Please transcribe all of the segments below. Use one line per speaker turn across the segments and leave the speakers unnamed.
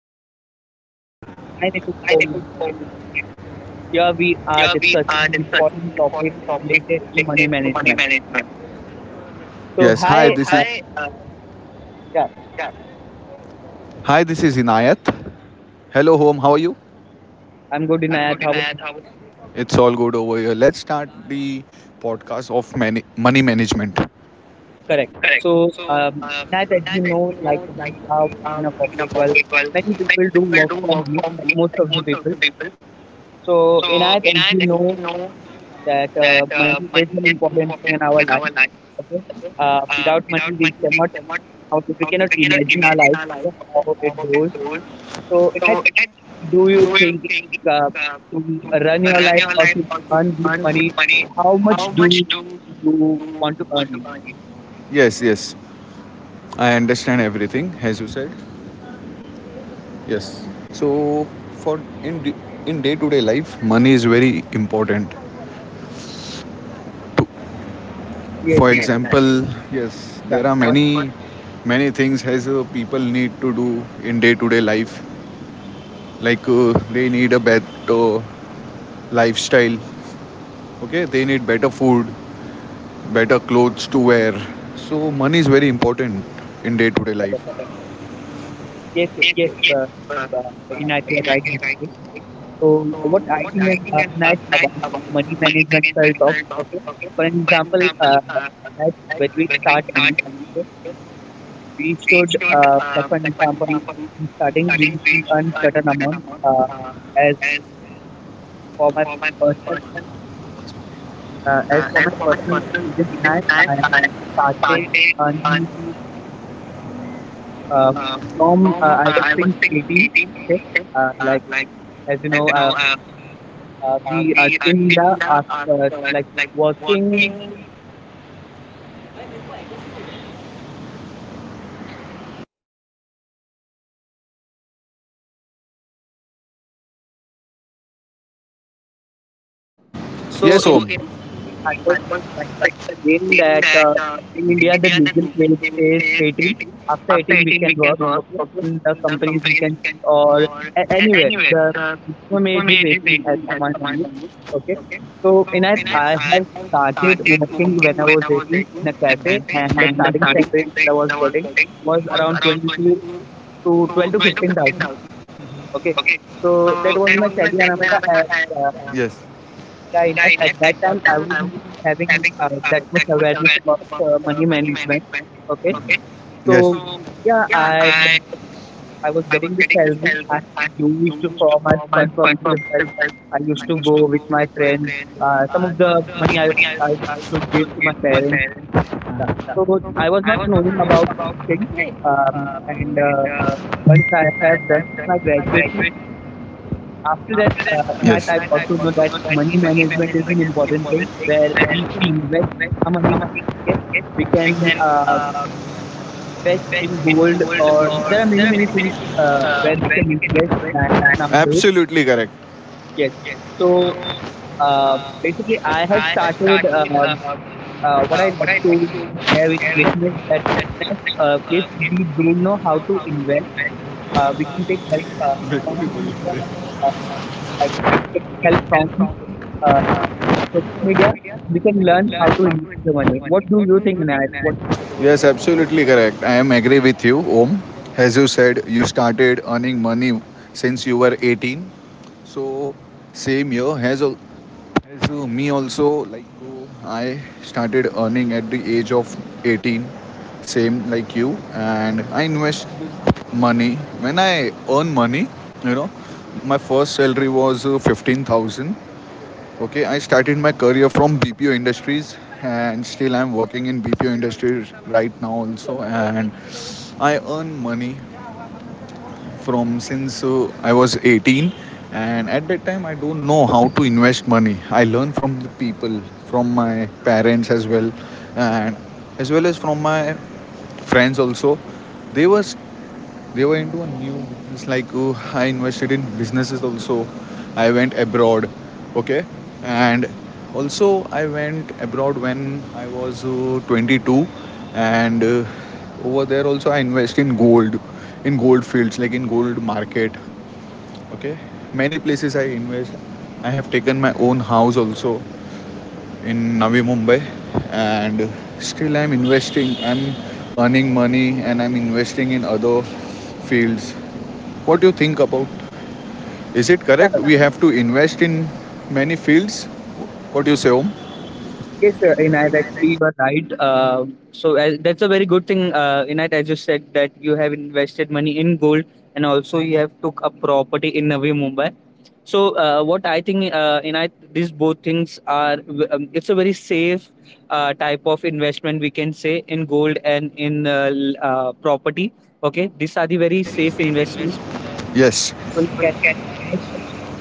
our
Welcome to our
podcast.
podcast.
My name is Paul.
I'm a
Here we are
Here we
discussing
are
the
discussing
important topic
topics
related to money
related to money
management.
management.
So,
Yes, hi. So,
hi,
this is hi.
yeah,
Yeah, hi, this is Inayat. Hello, home. How are you?
I'm good,
I'm
Inayat.
good
How
in
about
Ayat.
you?
How about you? It's all good over here. Let's start the podcast of money management.
Correct.
Correct.
So,
So,
Inayat, as you
as
know,
you
like
know, like
we are
we
working in
are
a
in a
corporate world,
corporate world,
many people do
we
work from
work
home,
from
like
mixed
most of the people.
sectors.
So,
So,
Inayat,
in
as you
Ayat,
know,
you know,
that
that
money is
money
an
is more
important thing in
important
our
in
life.
our life.
Okay.
Okay?
Without
Without
money, we
money, we
cannot
cannot,
now, so we
uh,
cannot
we cannot
imagine our
imagine
life.
our life,
Okay,
okay?
how it
Our
goes.
goals.
So in that,
So it has,
do you
do
think,
you think,
uh,
uh,
to
to
run your
run
life
your
or
life
to
or to
earn good
earn
money,
good money?
how much
How
do
much do,
you want to earn it?
yes, yes. I understand everything as you said. Yes. So for in day to day life, money is very important.
Yes,
For
in,
example, yes,
yeah,
there are
go ahead.
many things as people need to do in day to day life, like they need a better lifestyle, okay, they need better food, better clothes to wear. So money is very important in day to day
Sagar.
life.
Yes,
Yes,
yes,
yes.
uh,
Uh,
uh,
uh,
in IT, you're right
right.
basically. So what I
What
think
I
is
think is
nice
nice
about
about
money
money
management, if I talk.
management.
Okay,
Okay.
for an
For
example,
example, uh,
that when we
we
start earning,
start
we should,
reach
like for example, in starting,
starting
we should
page
earn certain amount. As
as
for my
for my
personal,
person
as
uh,
for
as
my
for my
personal
personal
experience,
business.
now
I
I
started
started earning
earning
uh,
uh,
from,
from,
I was
I was
think
since
18.
18,
Okay,
okay?
like
Like
as you
as
know,
you know,
we are
we are,
in India, like working. So
yes,
in
oh.
I was
I was
trying to
like
explain
in
that
that,
in
in
India the
India the
legal
social
age
age
is
is
18.
18.
After
After
18 we
18
can
we can
work.
work,
Okay, in the companies we
companies,
can, or anywhere
anywhere.
the minimum age is
Estimated
18 as
waiting
per
at
my
at
knowledge. Okay, so in I have started working when I was 18 in a cafe, and the
and the
starting salary that I
starting
was
salary
getting was
was
around
around
22 to 12 to 15
12,
thousand. Okay,
okay.
so
So
that was
there
my
was
salary, and I,
another, yes,
yeah, Ines, at
guy
that
that
time I was not having
having
that much
that much
awareness about
awareness about
money
money
management.
management.
Okay,
Okay. Yes.
so
So
yeah,
yeah,
I
I
I was
I was
getting the
getting this
salary
salary
I used for my
for my
fun
fund
purposes. As
purposes.
I used to go with my friends. Some of the money
The
I
money I
I
was I
should give
was
to
to
my
my
parents. Yeah. So
parents.
I was not knowing about
About
things.
it.
And
And
once I
once
have
I
done
have
my
done my
graduation,
graduate,
after that,
after that,
Inayat,
yes.
I
I
also know that money
had
management is an important thing where we can invest
my,
our money.
we
Okay, we
we
can
can fetch
invest in
it
gold,
for
or there are many
other,
many things where we
where
can
we can
invest in that
invest.
nowadays.
Absolutely correct.
Yes.
Yes. So
So basically, I have
I have
started.
started.
What I
What
like
I like
to share
to
with
share
listeners that
is
that, uh, if we don't know how to invest, we can take help from the,
that
uh, like we can help
getting help
from
from
uh, social
social
media,
media.
we can
We
learn how
learn
to invest the money.
something.
What do you think, Inayat? What do you think?
Yes, absolutely correct. I am agree with you, Om. As you said, you started earning money since you were 18. So same year has as me also, like I started earning at the age of 18, same like you, and I invest money. When I earn money, you know, my first salary was 15,000. Okay, I started my career from BPO Industries and still I'm working in BPO Industries right now also, and I earn money from since I was 18, and at that time I don't know how to invest money. I learned from the people, from my parents as well, and as well as from my friends also. They was they were into a new business, like I invested in businesses also. I went abroad, okay? And also I went abroad when I was 22, and over there also I invest in gold, in gold fields, like in gold market, okay, many places I invest. I have taken my own house also in Navi Mumbai, and still I'm investing, I'm earning money and I'm investing in other fields. What do you think about, is it correct
Yeah,
we have to invest in many fields? What do you say, Om?
yes, Inayat, actually you are right. So, that's a very good thing, Inayat, as you said that you have invested money in gold, and also you have took a property in Navi Mumbai. So what I think, Inayat, these both things are, it's a very safe type of investment, we can say, in gold and in property. Okay, these are the very safe investment.
Yes,
People can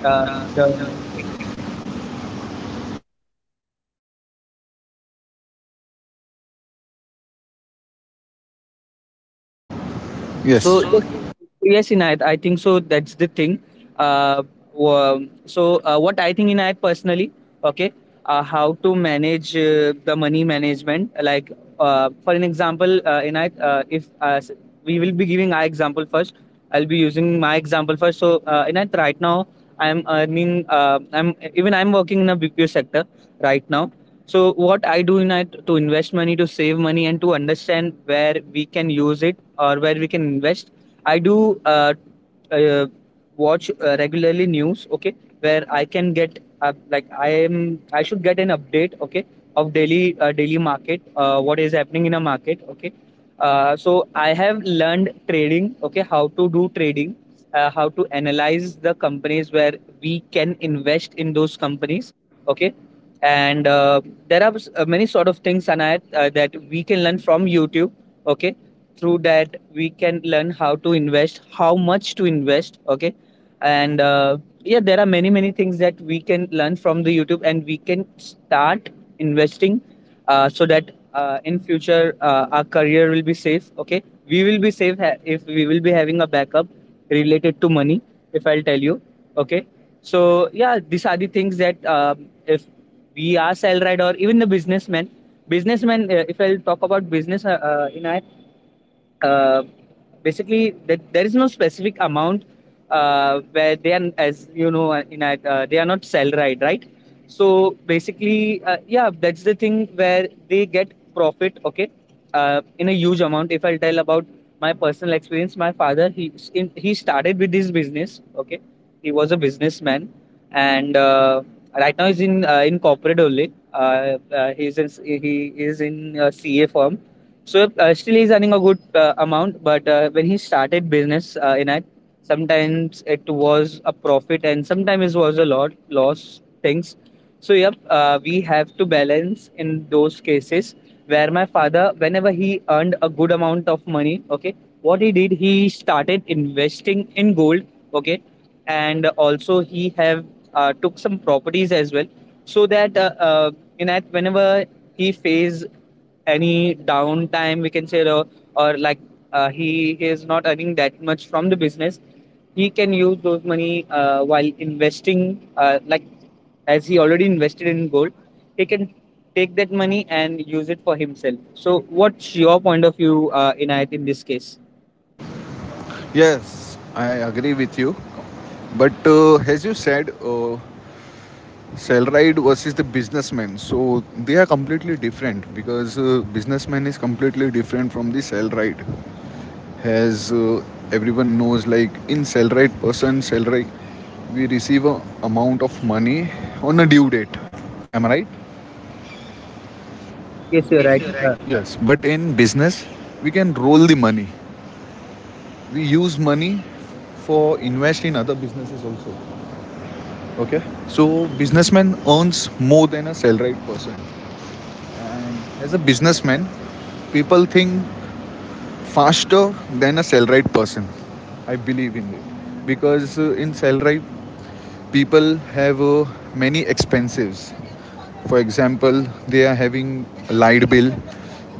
Ờ, rồi.
uh, yes.
So yes,
So,
yes, Inayat, I think so. That's the thing. Uh, so what I think, Inayat, personally, okay, how to manage the money management. Like for an example, Inayat, if s- we will be giving our example first, I'll be using my example first. So Inayat, right now I'm earning. I'm working in a BPO sector right now. So what I do in to invest money, to save money, and to understand where we can use it or where we can invest, I do, uh, watch, regularly, news. Okay, where I can get, I should get an update. Okay, of daily market, what is happening in a market. Okay, so I have learned trading. Okay, how to do trading, how to analyze the companies, where we can invest in those companies. Okay, and many sort of things, and that we can learn from YouTube. Okay, through that we can learn how to invest, how much to invest. Okay, and yeah, there are many things that we can learn from the YouTube, and we can start investing, so that in future our career will be safe. Okay, we will be safe, if we will be having a backup related to money, if I'll tell you. Okay, so yeah, these are the things that, if we are salaried or even the businessman. If I'll talk about business, in our, uh, basically, that there is no specific amount where they are. As you know, they are not salaried, right? So basically, yeah, that's the thing, where they get profit. Okay, in a huge amount. If I'll tell about my personal experience, my father, he started with this business. Okay, he was a businessman, and right now he's in corporate only. He is in CA firm. So still he's earning a good amount, but when he started business, in it, sometimes it was a profit and sometimes it was a lot loss things. So yep, we have to balance in those cases, where my father, whenever he earned a good amount of money, okay, what he did, he started investing in gold, okay, and also he have took some properties as well, so that, in that, whenever he face any downtime, we can say, or like, he is not earning that much from the business, he can use those money while investing, like as he already invested in gold, he can take that money and use it for himself. So what's your point of view, Inayat, in this case?
yes, I agree with you. But as you said, Sellride versus the businessman. So they are completely different because businessman is completely different from the Sellride. As everyone knows, like in Sellride person, Sellride, we receive a amount of money on a due date. Am I right?
Yes,
Yes,
you're
you're
right.
right. Yes, but in business, we can roll the money. We use money for invest in other businesses also. Okay, so businessman earns more than a salaried person, and as a businessman people think faster than a salaried person. I believe in it because in salaried, people have many expenses. For example, they are having a light bill,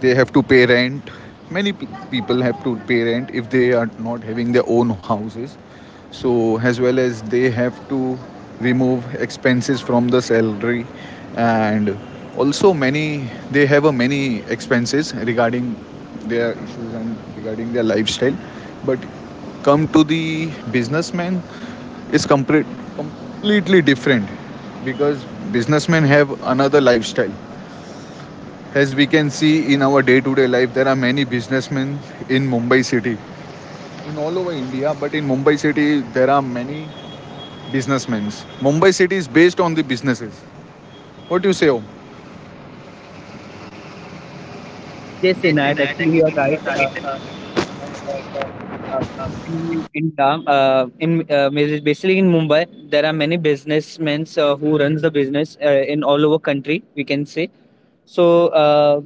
they have to pay rent. Many people have to pay rent if they are not having their own houses. So, as well as they have to remove expenses from the salary, and also many, they have a many expenses regarding their issues and regarding their lifestyle. But come to the businessman is completely different, because businessmen have another lifestyle. As we can see in our day to day life, there are many businessmen in Mumbai city, in all over India, but in Mumbai city, there are many businessmen. Mumbai city is based on the businesses. What do you say, Om?
yes
Yes,
inayat
Sinat,
Actually, you're
actually you're
right.
right.
uh, Uh,
uh, uh,
in Dam, in basi- Basically, in Mumbai, there are many businessmen who runs the business, in all over country, we can say. So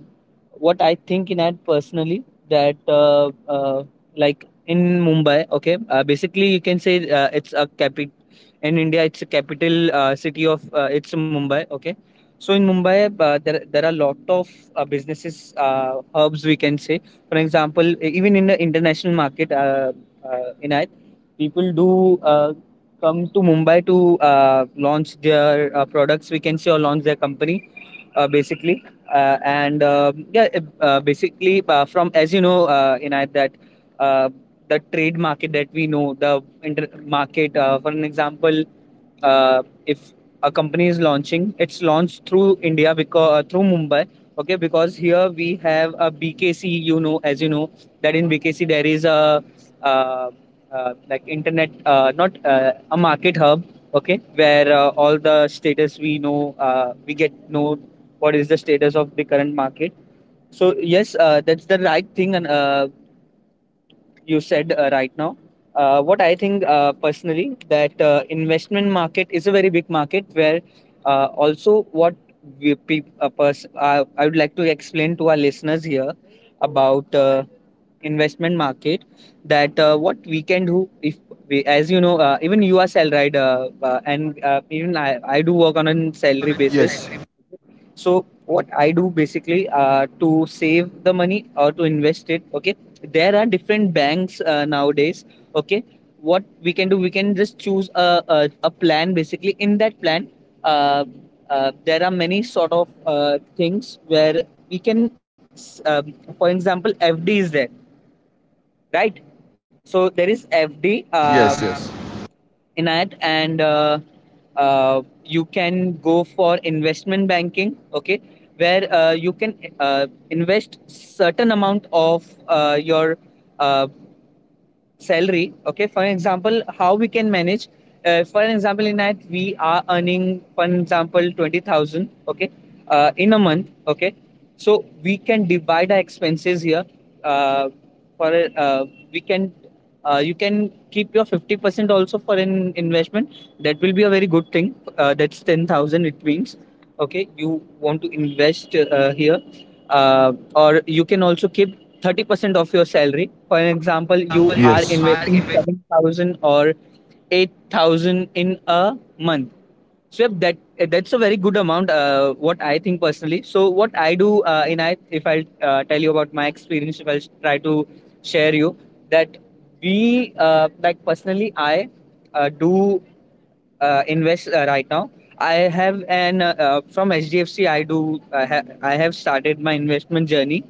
what I think in that personally, that, like, in Mumbai, okay, basically you can say it's a capital in India. It's a capital, city of, it's Mumbai, okay. So in Mumbai, there are lot of businesses, hubs, we can say. For example, even in the international market, uh, in it, people do come to Mumbai to launch their products, we can say, or launch their company, basically. And yeah, basically, from, as you know, Inayat, that uh, the trade market that we know, the market, for an example, if a company is launching, it's launched through India, because through Mumbai. Okay, because here we have a BKC, as you know, that in BKC there is a, uh, like, internet, not a market hub. Okay, where all the status we know, we get know what is the status of the current market. So yes, that's the right thing. And you said, right now, what I think, personally, that investment market is a very big market, where also what we, pe- a pers- I would like to explain to our listeners here about investment market, that, what we can do if we, as you know, even you are salaried, and even I do work on a salary basis.
Yes.
So what I do basically, to save the money or to invest it, okay? There are different banks nowadays, okay? What we can do, we can just choose a plan basically. In that plan, uh, there are many sort of things where we can, for example, FD is there, right? So there is FD,
Yes, yes.
Inayat, and you can go for investment banking, okay, where you can invest certain amount of your uh, salary. Okay, for example, how we can manage, for an example, in that we are earning, for an example, 20,000. Okay, in a month. Okay, so we can divide our expenses here, uh, for uh, we can you can keep your 50% also for an investment. That will be a very good thing, that's 10,000, it means, okay, you want to invest, here, or you can also keep 30% of your salary. For an example, you are
Yes.
investing 7,000 or 8,000 in a month. So yep, that's a very good amount. What I think personally. So what I do in I if I tell you about my experience, if I will try to share you that we like personally I do invest right now. I have an from HDFC. I do. I, ha- I have started my investment journey.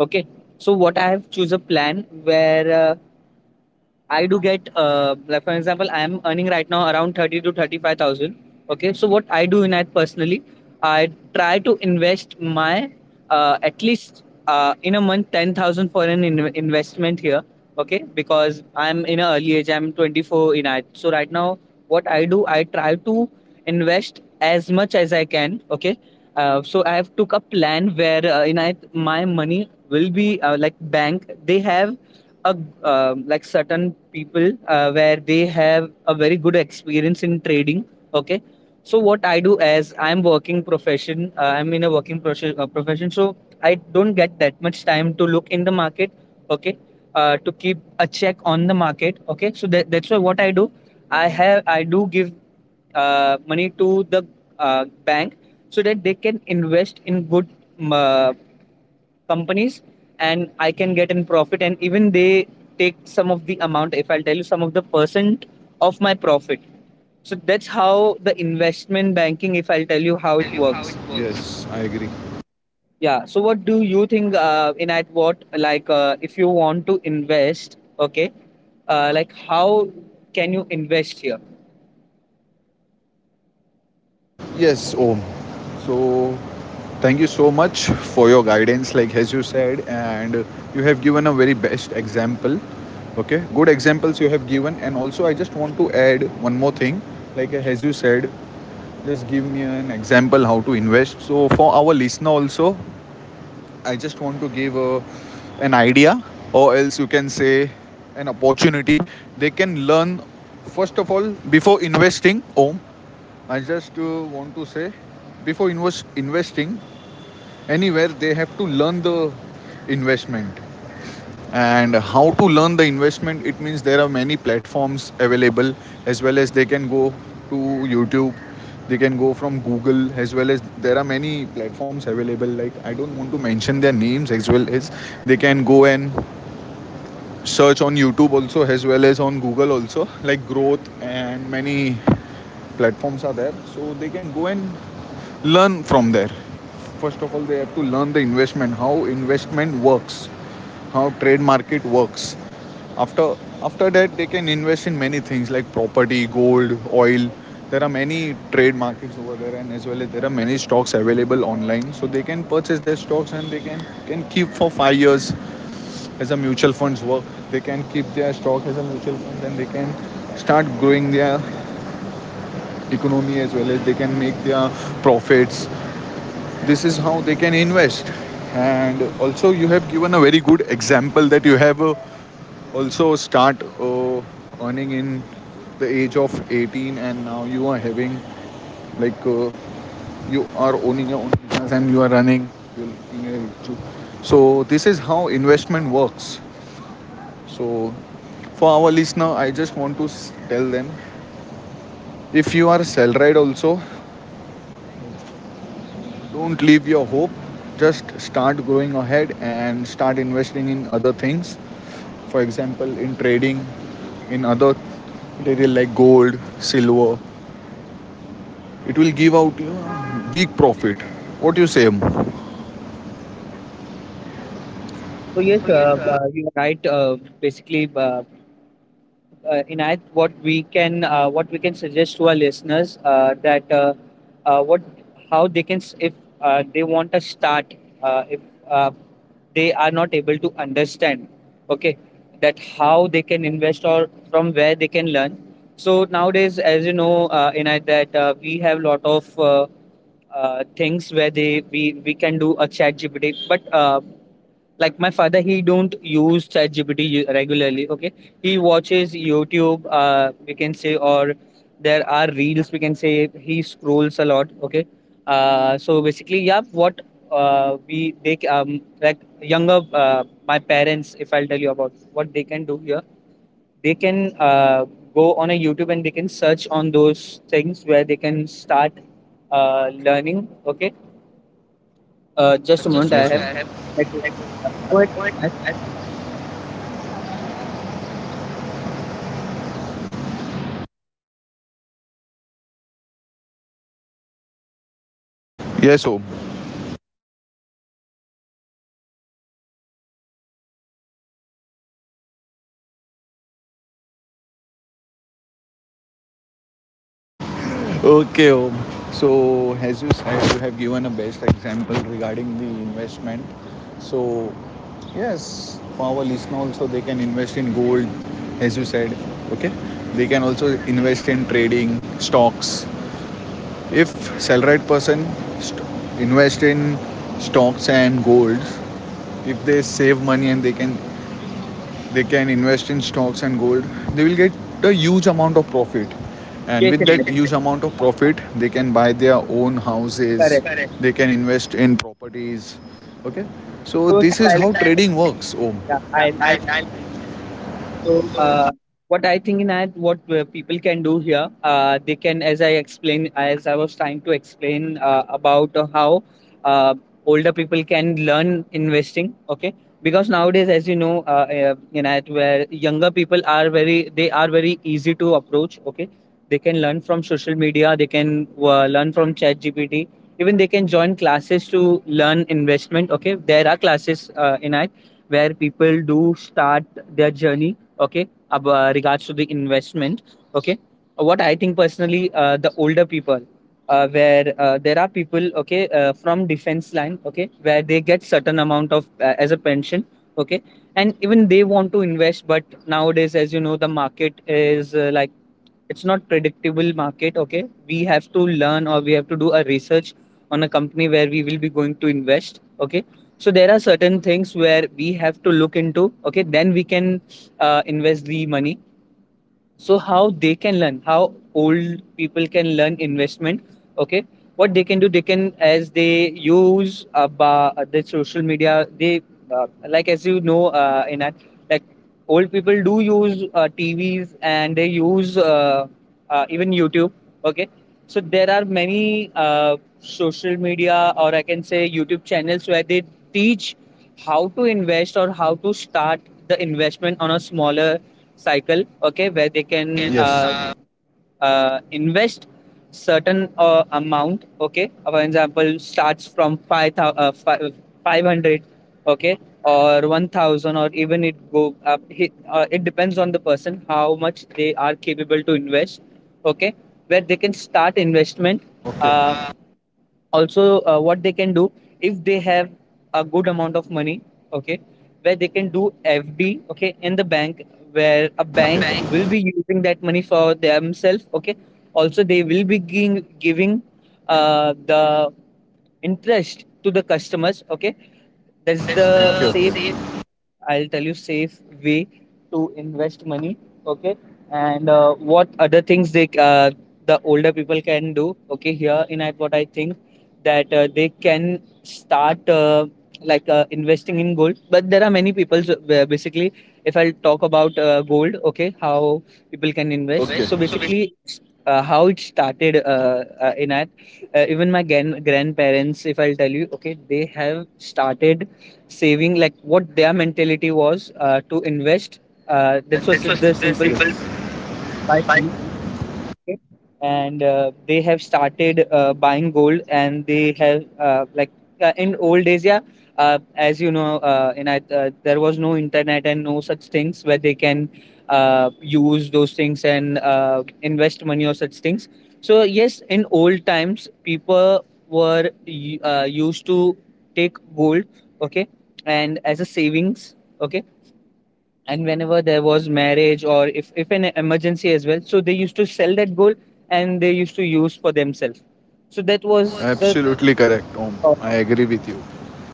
Okay, so what I have choose a plan where I do get, like for example, I am earning right now around 30 to 35,000. Okay, so what I do in it personally, I try to invest my at least in a month 10,000 for an investment here. Okay, because I'm in an early age, I'm 24 in it. So right now, what I do, I try to invest as much as I can. Okay, so I have took a plan where in it my money will be like bank. They have a like certain people where they have a very good experience in trading. Okay, so what I do, as I'm working profession I'm in a working profession, so I don't get that much time to look in the market. Okay, to keep a check on the market. Okay, so that's why what I do, I do give money to the bank, so that they can invest in good um, uh, companies, and I can get in profit, and even they take some of the amount, if I'll tell you, some of the percent of my profit. So that's how the investment banking, if I'll tell you, how it works.
Yes, I agree.
Yeah. So what do you think in at what like if you want to invest, okay? Like how can you invest here?
Yes, Om. So, thank you so much for your guidance, like as you said, and you have given a very best example. Okay, good examples
Yeah.
you have given, and also I just want to add one more thing, like as you said, just give me an example how to invest. So, for our listener also, I just want to give an idea, or else you can say an opportunity. They can learn first of all before investing. Om, I just want to say before investing anywhere, they have to learn the investment. And how to learn the investment, it means there are many platforms available, as well as they can go to YouTube, they can go from Google, as well as there are many platforms available. Like I don't want to mention their names, as well as they can go and search on YouTube also, as well as on Google also, like Growth and many platforms are there. So they can go and learn from there. First of all they have to learn the investment, how investment works, how trade market works. After after that, they can invest in many things like property, gold, oil. There are many trade markets over there, and as well as there are many stocks available online, so they can purchase their stocks and they can keep for 5 years, as a mutual funds work. They can keep their stock as a mutual fund, and they can start growing their economy, as well as they can make their profits. This is how they can invest. And also, you have given a very good example that you have also start earning in the age of 18, and now you are having, like you are owning your own business and you are running. So this is how investment works. So for our listener, I just want to tell them, if you are salaried also, don't leave your hope. Just start growing ahead and start investing in other things. For example, in trading, in other material like gold, silver. It will give out you a big profit. What do you say? So
So yes,
yes,
you're right. Basically, Inayat, what we can suggest to our listeners that what how they can if they want to start if uh, they are not able to understand, okay, that how they can invest, or from where they can learn. So nowadays, as you know, Inayat, that we have lot of things where we can do a chat gpt, but like my father, he don't use ChatGPT regularly. Okay, he watches youtube, we can say, or there are reels, we can say, he scrolls a lot. Okay, so basically, yeah, what like younger, my parents, if I'll tell you about what they can do here, they can go on a youtube and they can search on those things where they can start learning. Okay, just a moment, I have Network. Yeah,
yes, Om. Okay, Om. So, as you said, you have given a best example regarding the investment. So, yes, for our listener also, they can invest in gold, as you said. Okay, they can also invest in trading stocks. If salaried person st- invest in stocks and golds, if they save money, and they can invest in stocks and gold, they will get a huge amount of profit,
go
and
ahead,
with
Matt.
that huge amount of profit they can buy their own houses,
Correct.
they can invest in properties. Okay, so
So
this
next
is
I'll
how
I'll
trading works, Om.
yeah, I'll
Yeah,
so, what I think in that, what people can do here, they can, as I explain, as I was trying to explain about how uh, older people can learn investing. Okay, because nowadays, as you know, where younger people are very, they are very easy to approach. Okay, they can learn from social media, they can learn from ChatGPT. Even they can join classes to learn investment. Okay, there are classes in that, where people do start their journey, okay, about regards to the investment. Okay, what I think personally, the older people, where there are people, okay, from defense line, okay, where they get certain amount of as a pension. Okay, and even they want to invest, but nowadays, as you know, the market is like it's not predictable market. Okay, we have to learn, or we have to do a research on a company where we will be going to invest. Okay, so there are certain things where we have to look into, okay, then we can invest the money. So how they can learn, how old people can learn investment. Okay, what they can do, they can, as they use about the social media, they uh, like as you know, in that, like old people do use tvs, and they use even youtube. Okay, so there are many social media, or I can say youtube channels, where they teach how to invest, or how to start the investment on a smaller cycle. Okay, where they can
yes.
invest certain amount. Okay, for example, starts from 5 thousand 500, okay, or 1000, or even it go up it depends on the person how much they are capable to invest. Okay, where they can start investment. uh,
Okay.
Also, what they can do, if they have a good amount of money, okay, where they can do fd, okay, in the bank, where a
Okay,
bank will
bank
be using that money for themselves. Okay, also they will be giving the interest to the customers. Okay, that's
is
the
the, okay,
same.
okay, safe,
I'll tell you safe way to invest money. Okay, and what other things they the older people can do. Okay, here in I what I think that they can start investing in gold. But there are many people. So basically, if I'll talk about gold, okay, how people can
can,
invest.
okay,
So
invest. So
basically, how it started in that. Even my grandparents, if I'll tell you, okay, they have started saving, like what their mentality was to invest, that was
this was
the
the
simple
simple.
buy
Yes,
market. And they have started buying gold, and they have in old days, yeah, as you know, there was no internet and no such things where they can use those things and invest money or such things. So yes, in old times, people were used to take gold, okay, and as a savings, okay, and whenever there was marriage, or if an emergency as well, so they used to sell that gold, and they used to use for themselves. So that was the
absolutely correct, Om.
uh,
I agree with you.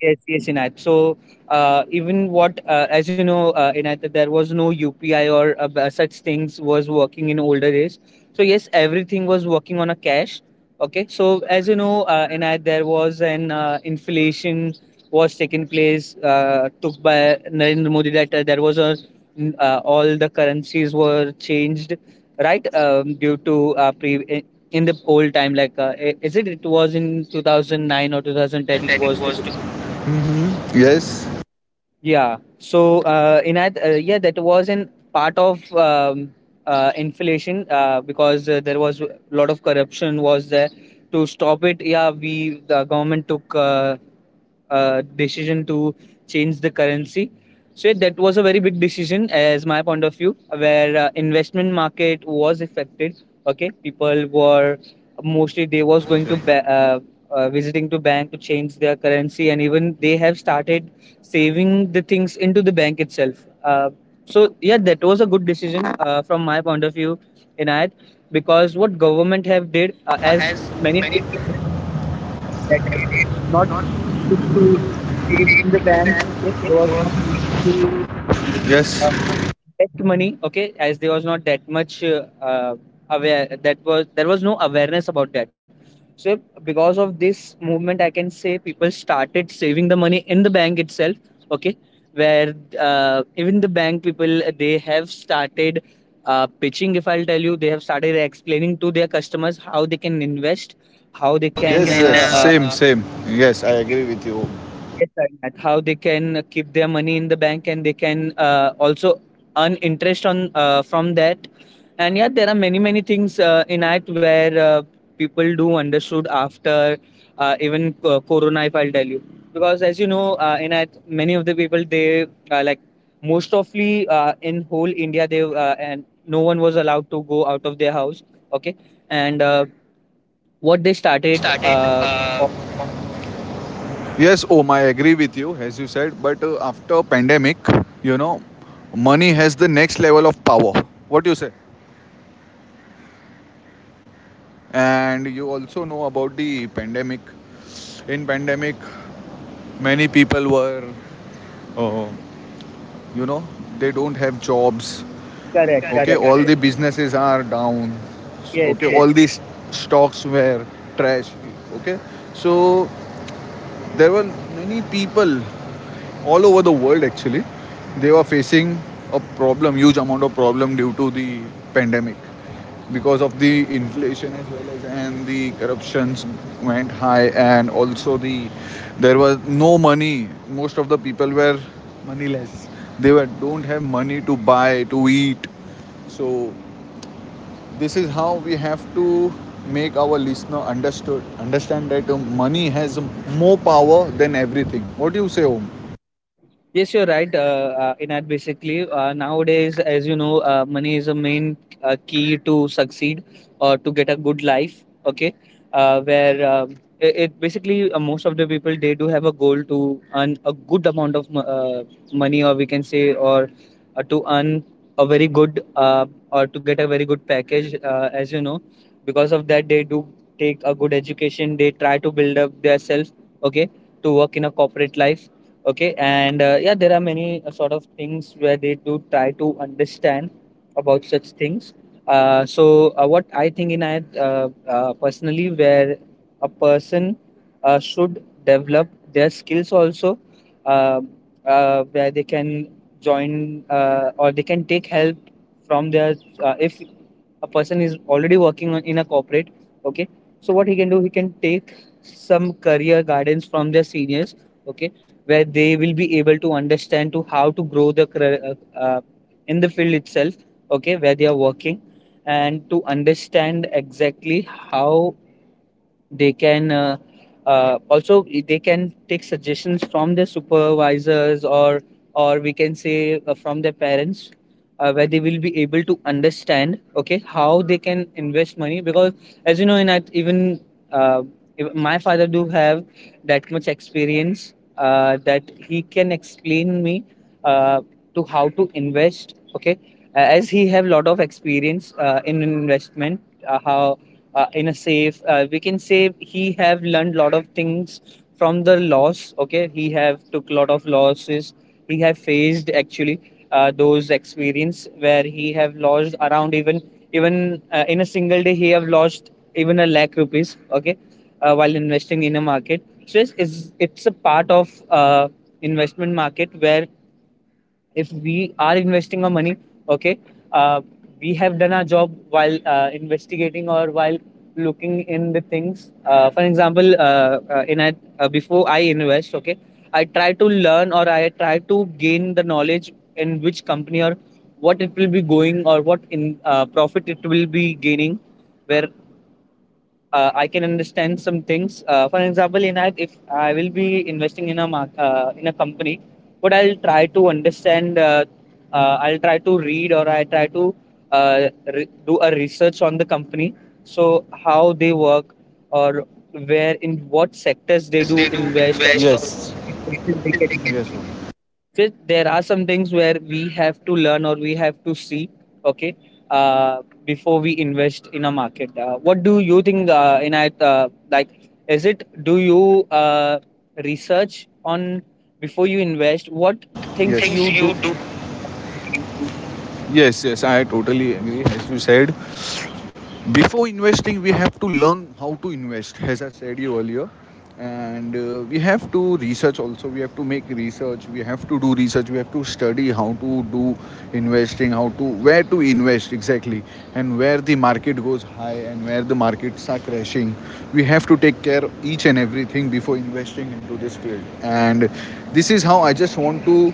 yes, yes, Inayat. So, even what, as you know, Inayat, that there was no UPI, or such things was working in older days. So, yes, everything was working on a cash. Okay. So, as you know, Inayat, there was an inflation was taking place, took by Narendra Modi, that there was a, all the currencies were changed, right? Due to in the old time, like, is it, it was in 2009 or 2010,
And
it
it
was to
was to, yes,
yeah. So, Inayat, yeah, that was an part of inflation, because there was a lot of corruption was there to stop it. Yeah, we the government took decision to change the currency. So yeah, that was a very big decision, as my point of view, where investment market was affected. Okay, people were mostly they was going to visiting to bank to change their currency, and even they have started saving the things into the bank itself. So yeah, that was a good decision from my point of view, Inayat, because what government have did as
as
many
many
people
people,
that they were not used to save in the bank. Okay, they was not used to
yes.
uh, invest money. Okay, as there was not that much aware that was, there was no awareness about that. So because of this movement, I can say people started saving the money in the bank itself. Okay, where even the bank people they have started pitching. If I'll tell you, they have started explaining to their customers how they can invest, how they
How they, yes,
can
can, yes. Same, same. Yes, I agree with you.
yes, Arnath, how they can keep their money in the bank, and they can also earn interest on from that. And yeah, there are many many things in it where people do understood after even Corona, if I'll tell you, because as you know, in it many of the people they like most ofly in whole India they and no one was allowed to go out of their house. Okay, and what they started.
Started,
Of-
yes, Om, I agree with you, as you said. But after pandemic, you know, money has the next level of power. What do you say? And you also know about the pandemic. In pandemic, many people were, uh, you know, they don't have jobs.
Correct,
Correct, okay, correct.
correct.
All the businesses are down.
Yes,
Okay, yes.
yes.
All these stocks were trash, okay. So there were many people all over the world, actually, they were facing a problem, huge amount of problem, due to the pandemic, because of the inflation as well as, and the corruptions went high, and also there was no money, most of the people were, they were, don't have money to buy, to eat. So this is how we have to make our listener understood, understand that money has more power than everything. What do you say, Om?
Yes, you're right, Inad. Basically, nowadays, as you know, money is a main key to succeed or to get a good life. Okay, where it, it basically, most of the people they do have a goal to earn a good amount of money, or we can say, or to earn a very good or to get a very good package. As you know, because of that, they do take a good education. They try to build up their self. Okay, to work in a corporate life, okay, and yeah, there are many sort of things where they do try to understand about such things. So what I think in I personally, where a person should develop their skills also, uh, where they can join, or they can take help from their, if a person is already working on, in a corporate, okay, so what he can do, he can take some career guidance from their seniors, okay, where they will be able to understand to how to grow the career, in the field itself, okay, where they are working, and to understand exactly how they can, also they can take suggestions from their supervisors, or we can say from their parents, where they will be able to understand, okay, how they can invest money, because as you know, in at even uh, my father do have that much experience that he can explain me uh, to how to invest, okay. As he have lot of experience in investment, how in a safe, we can say he have learned lot of things from the loss, okay, he have took lot of losses, he have faced actually those experience where he have lost around even even in a single day he have lost even a lakh rupees, okay. While investing in a market, so it's a part of investment market, where if we are investing our money, okay, uh, we have done our job while investigating, or while looking in the things. For example, before I invest, okay, I try to learn, or I try to gain the knowledge in which company, or what it will be going, or what in profit it will be gaining, where I can understand some things. For example, in that, if I will be investing in a mark, in a company, what I'll try to understand, I'll try to read, or I try to do a research on the company. So how they work, or where, in what sectors they
Yes,
do
they do
invest, or
invest? Yes.
which sectors they can.
Yes, Om.
There are some things where we have to learn, or we have to see, okay, uh, before we invest in a market. What do you think, Inayat, like, is it, do you research on before you invest, what
What, yes,
things
things
you
you
do?
do? Yes, yes, I totally agree. As you said, before investing we have to learn how to invest, as I said you earlier, and we have to research also, we have to make research, we have to do research, we have to study how to do investing, how to, where to invest exactly, and where the market goes high and where the markets are crashing. We have to take care of each and everything before investing into this field, and this is how I just want to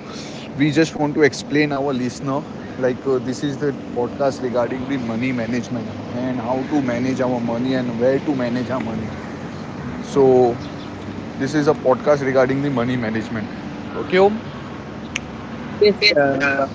we just want to explain our listener, like this is the podcast regarding the money management, and how to manage our money and where to manage our money. So this is a podcast regarding the money management, okay, Om?
Yes,
Yes,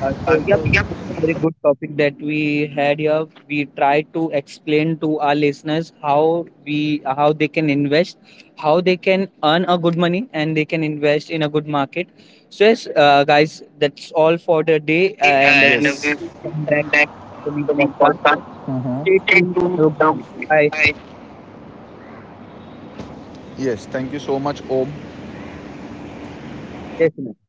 Yep,
so yep,
that's a very good topic that we had here. We try to explain to our listeners how we, how they can invest, how they can earn a good money, and they can invest in a good market. So yes, guys, that's all for the day,
today.
and
And
we
yes, we will
will come back
come back
to the
to the
podcast.
podcast. Mm-hmm.
Stay
Stay
tuned.
tuned.
Bye,
Bye. Yes, thank you so much, Om.
listeners.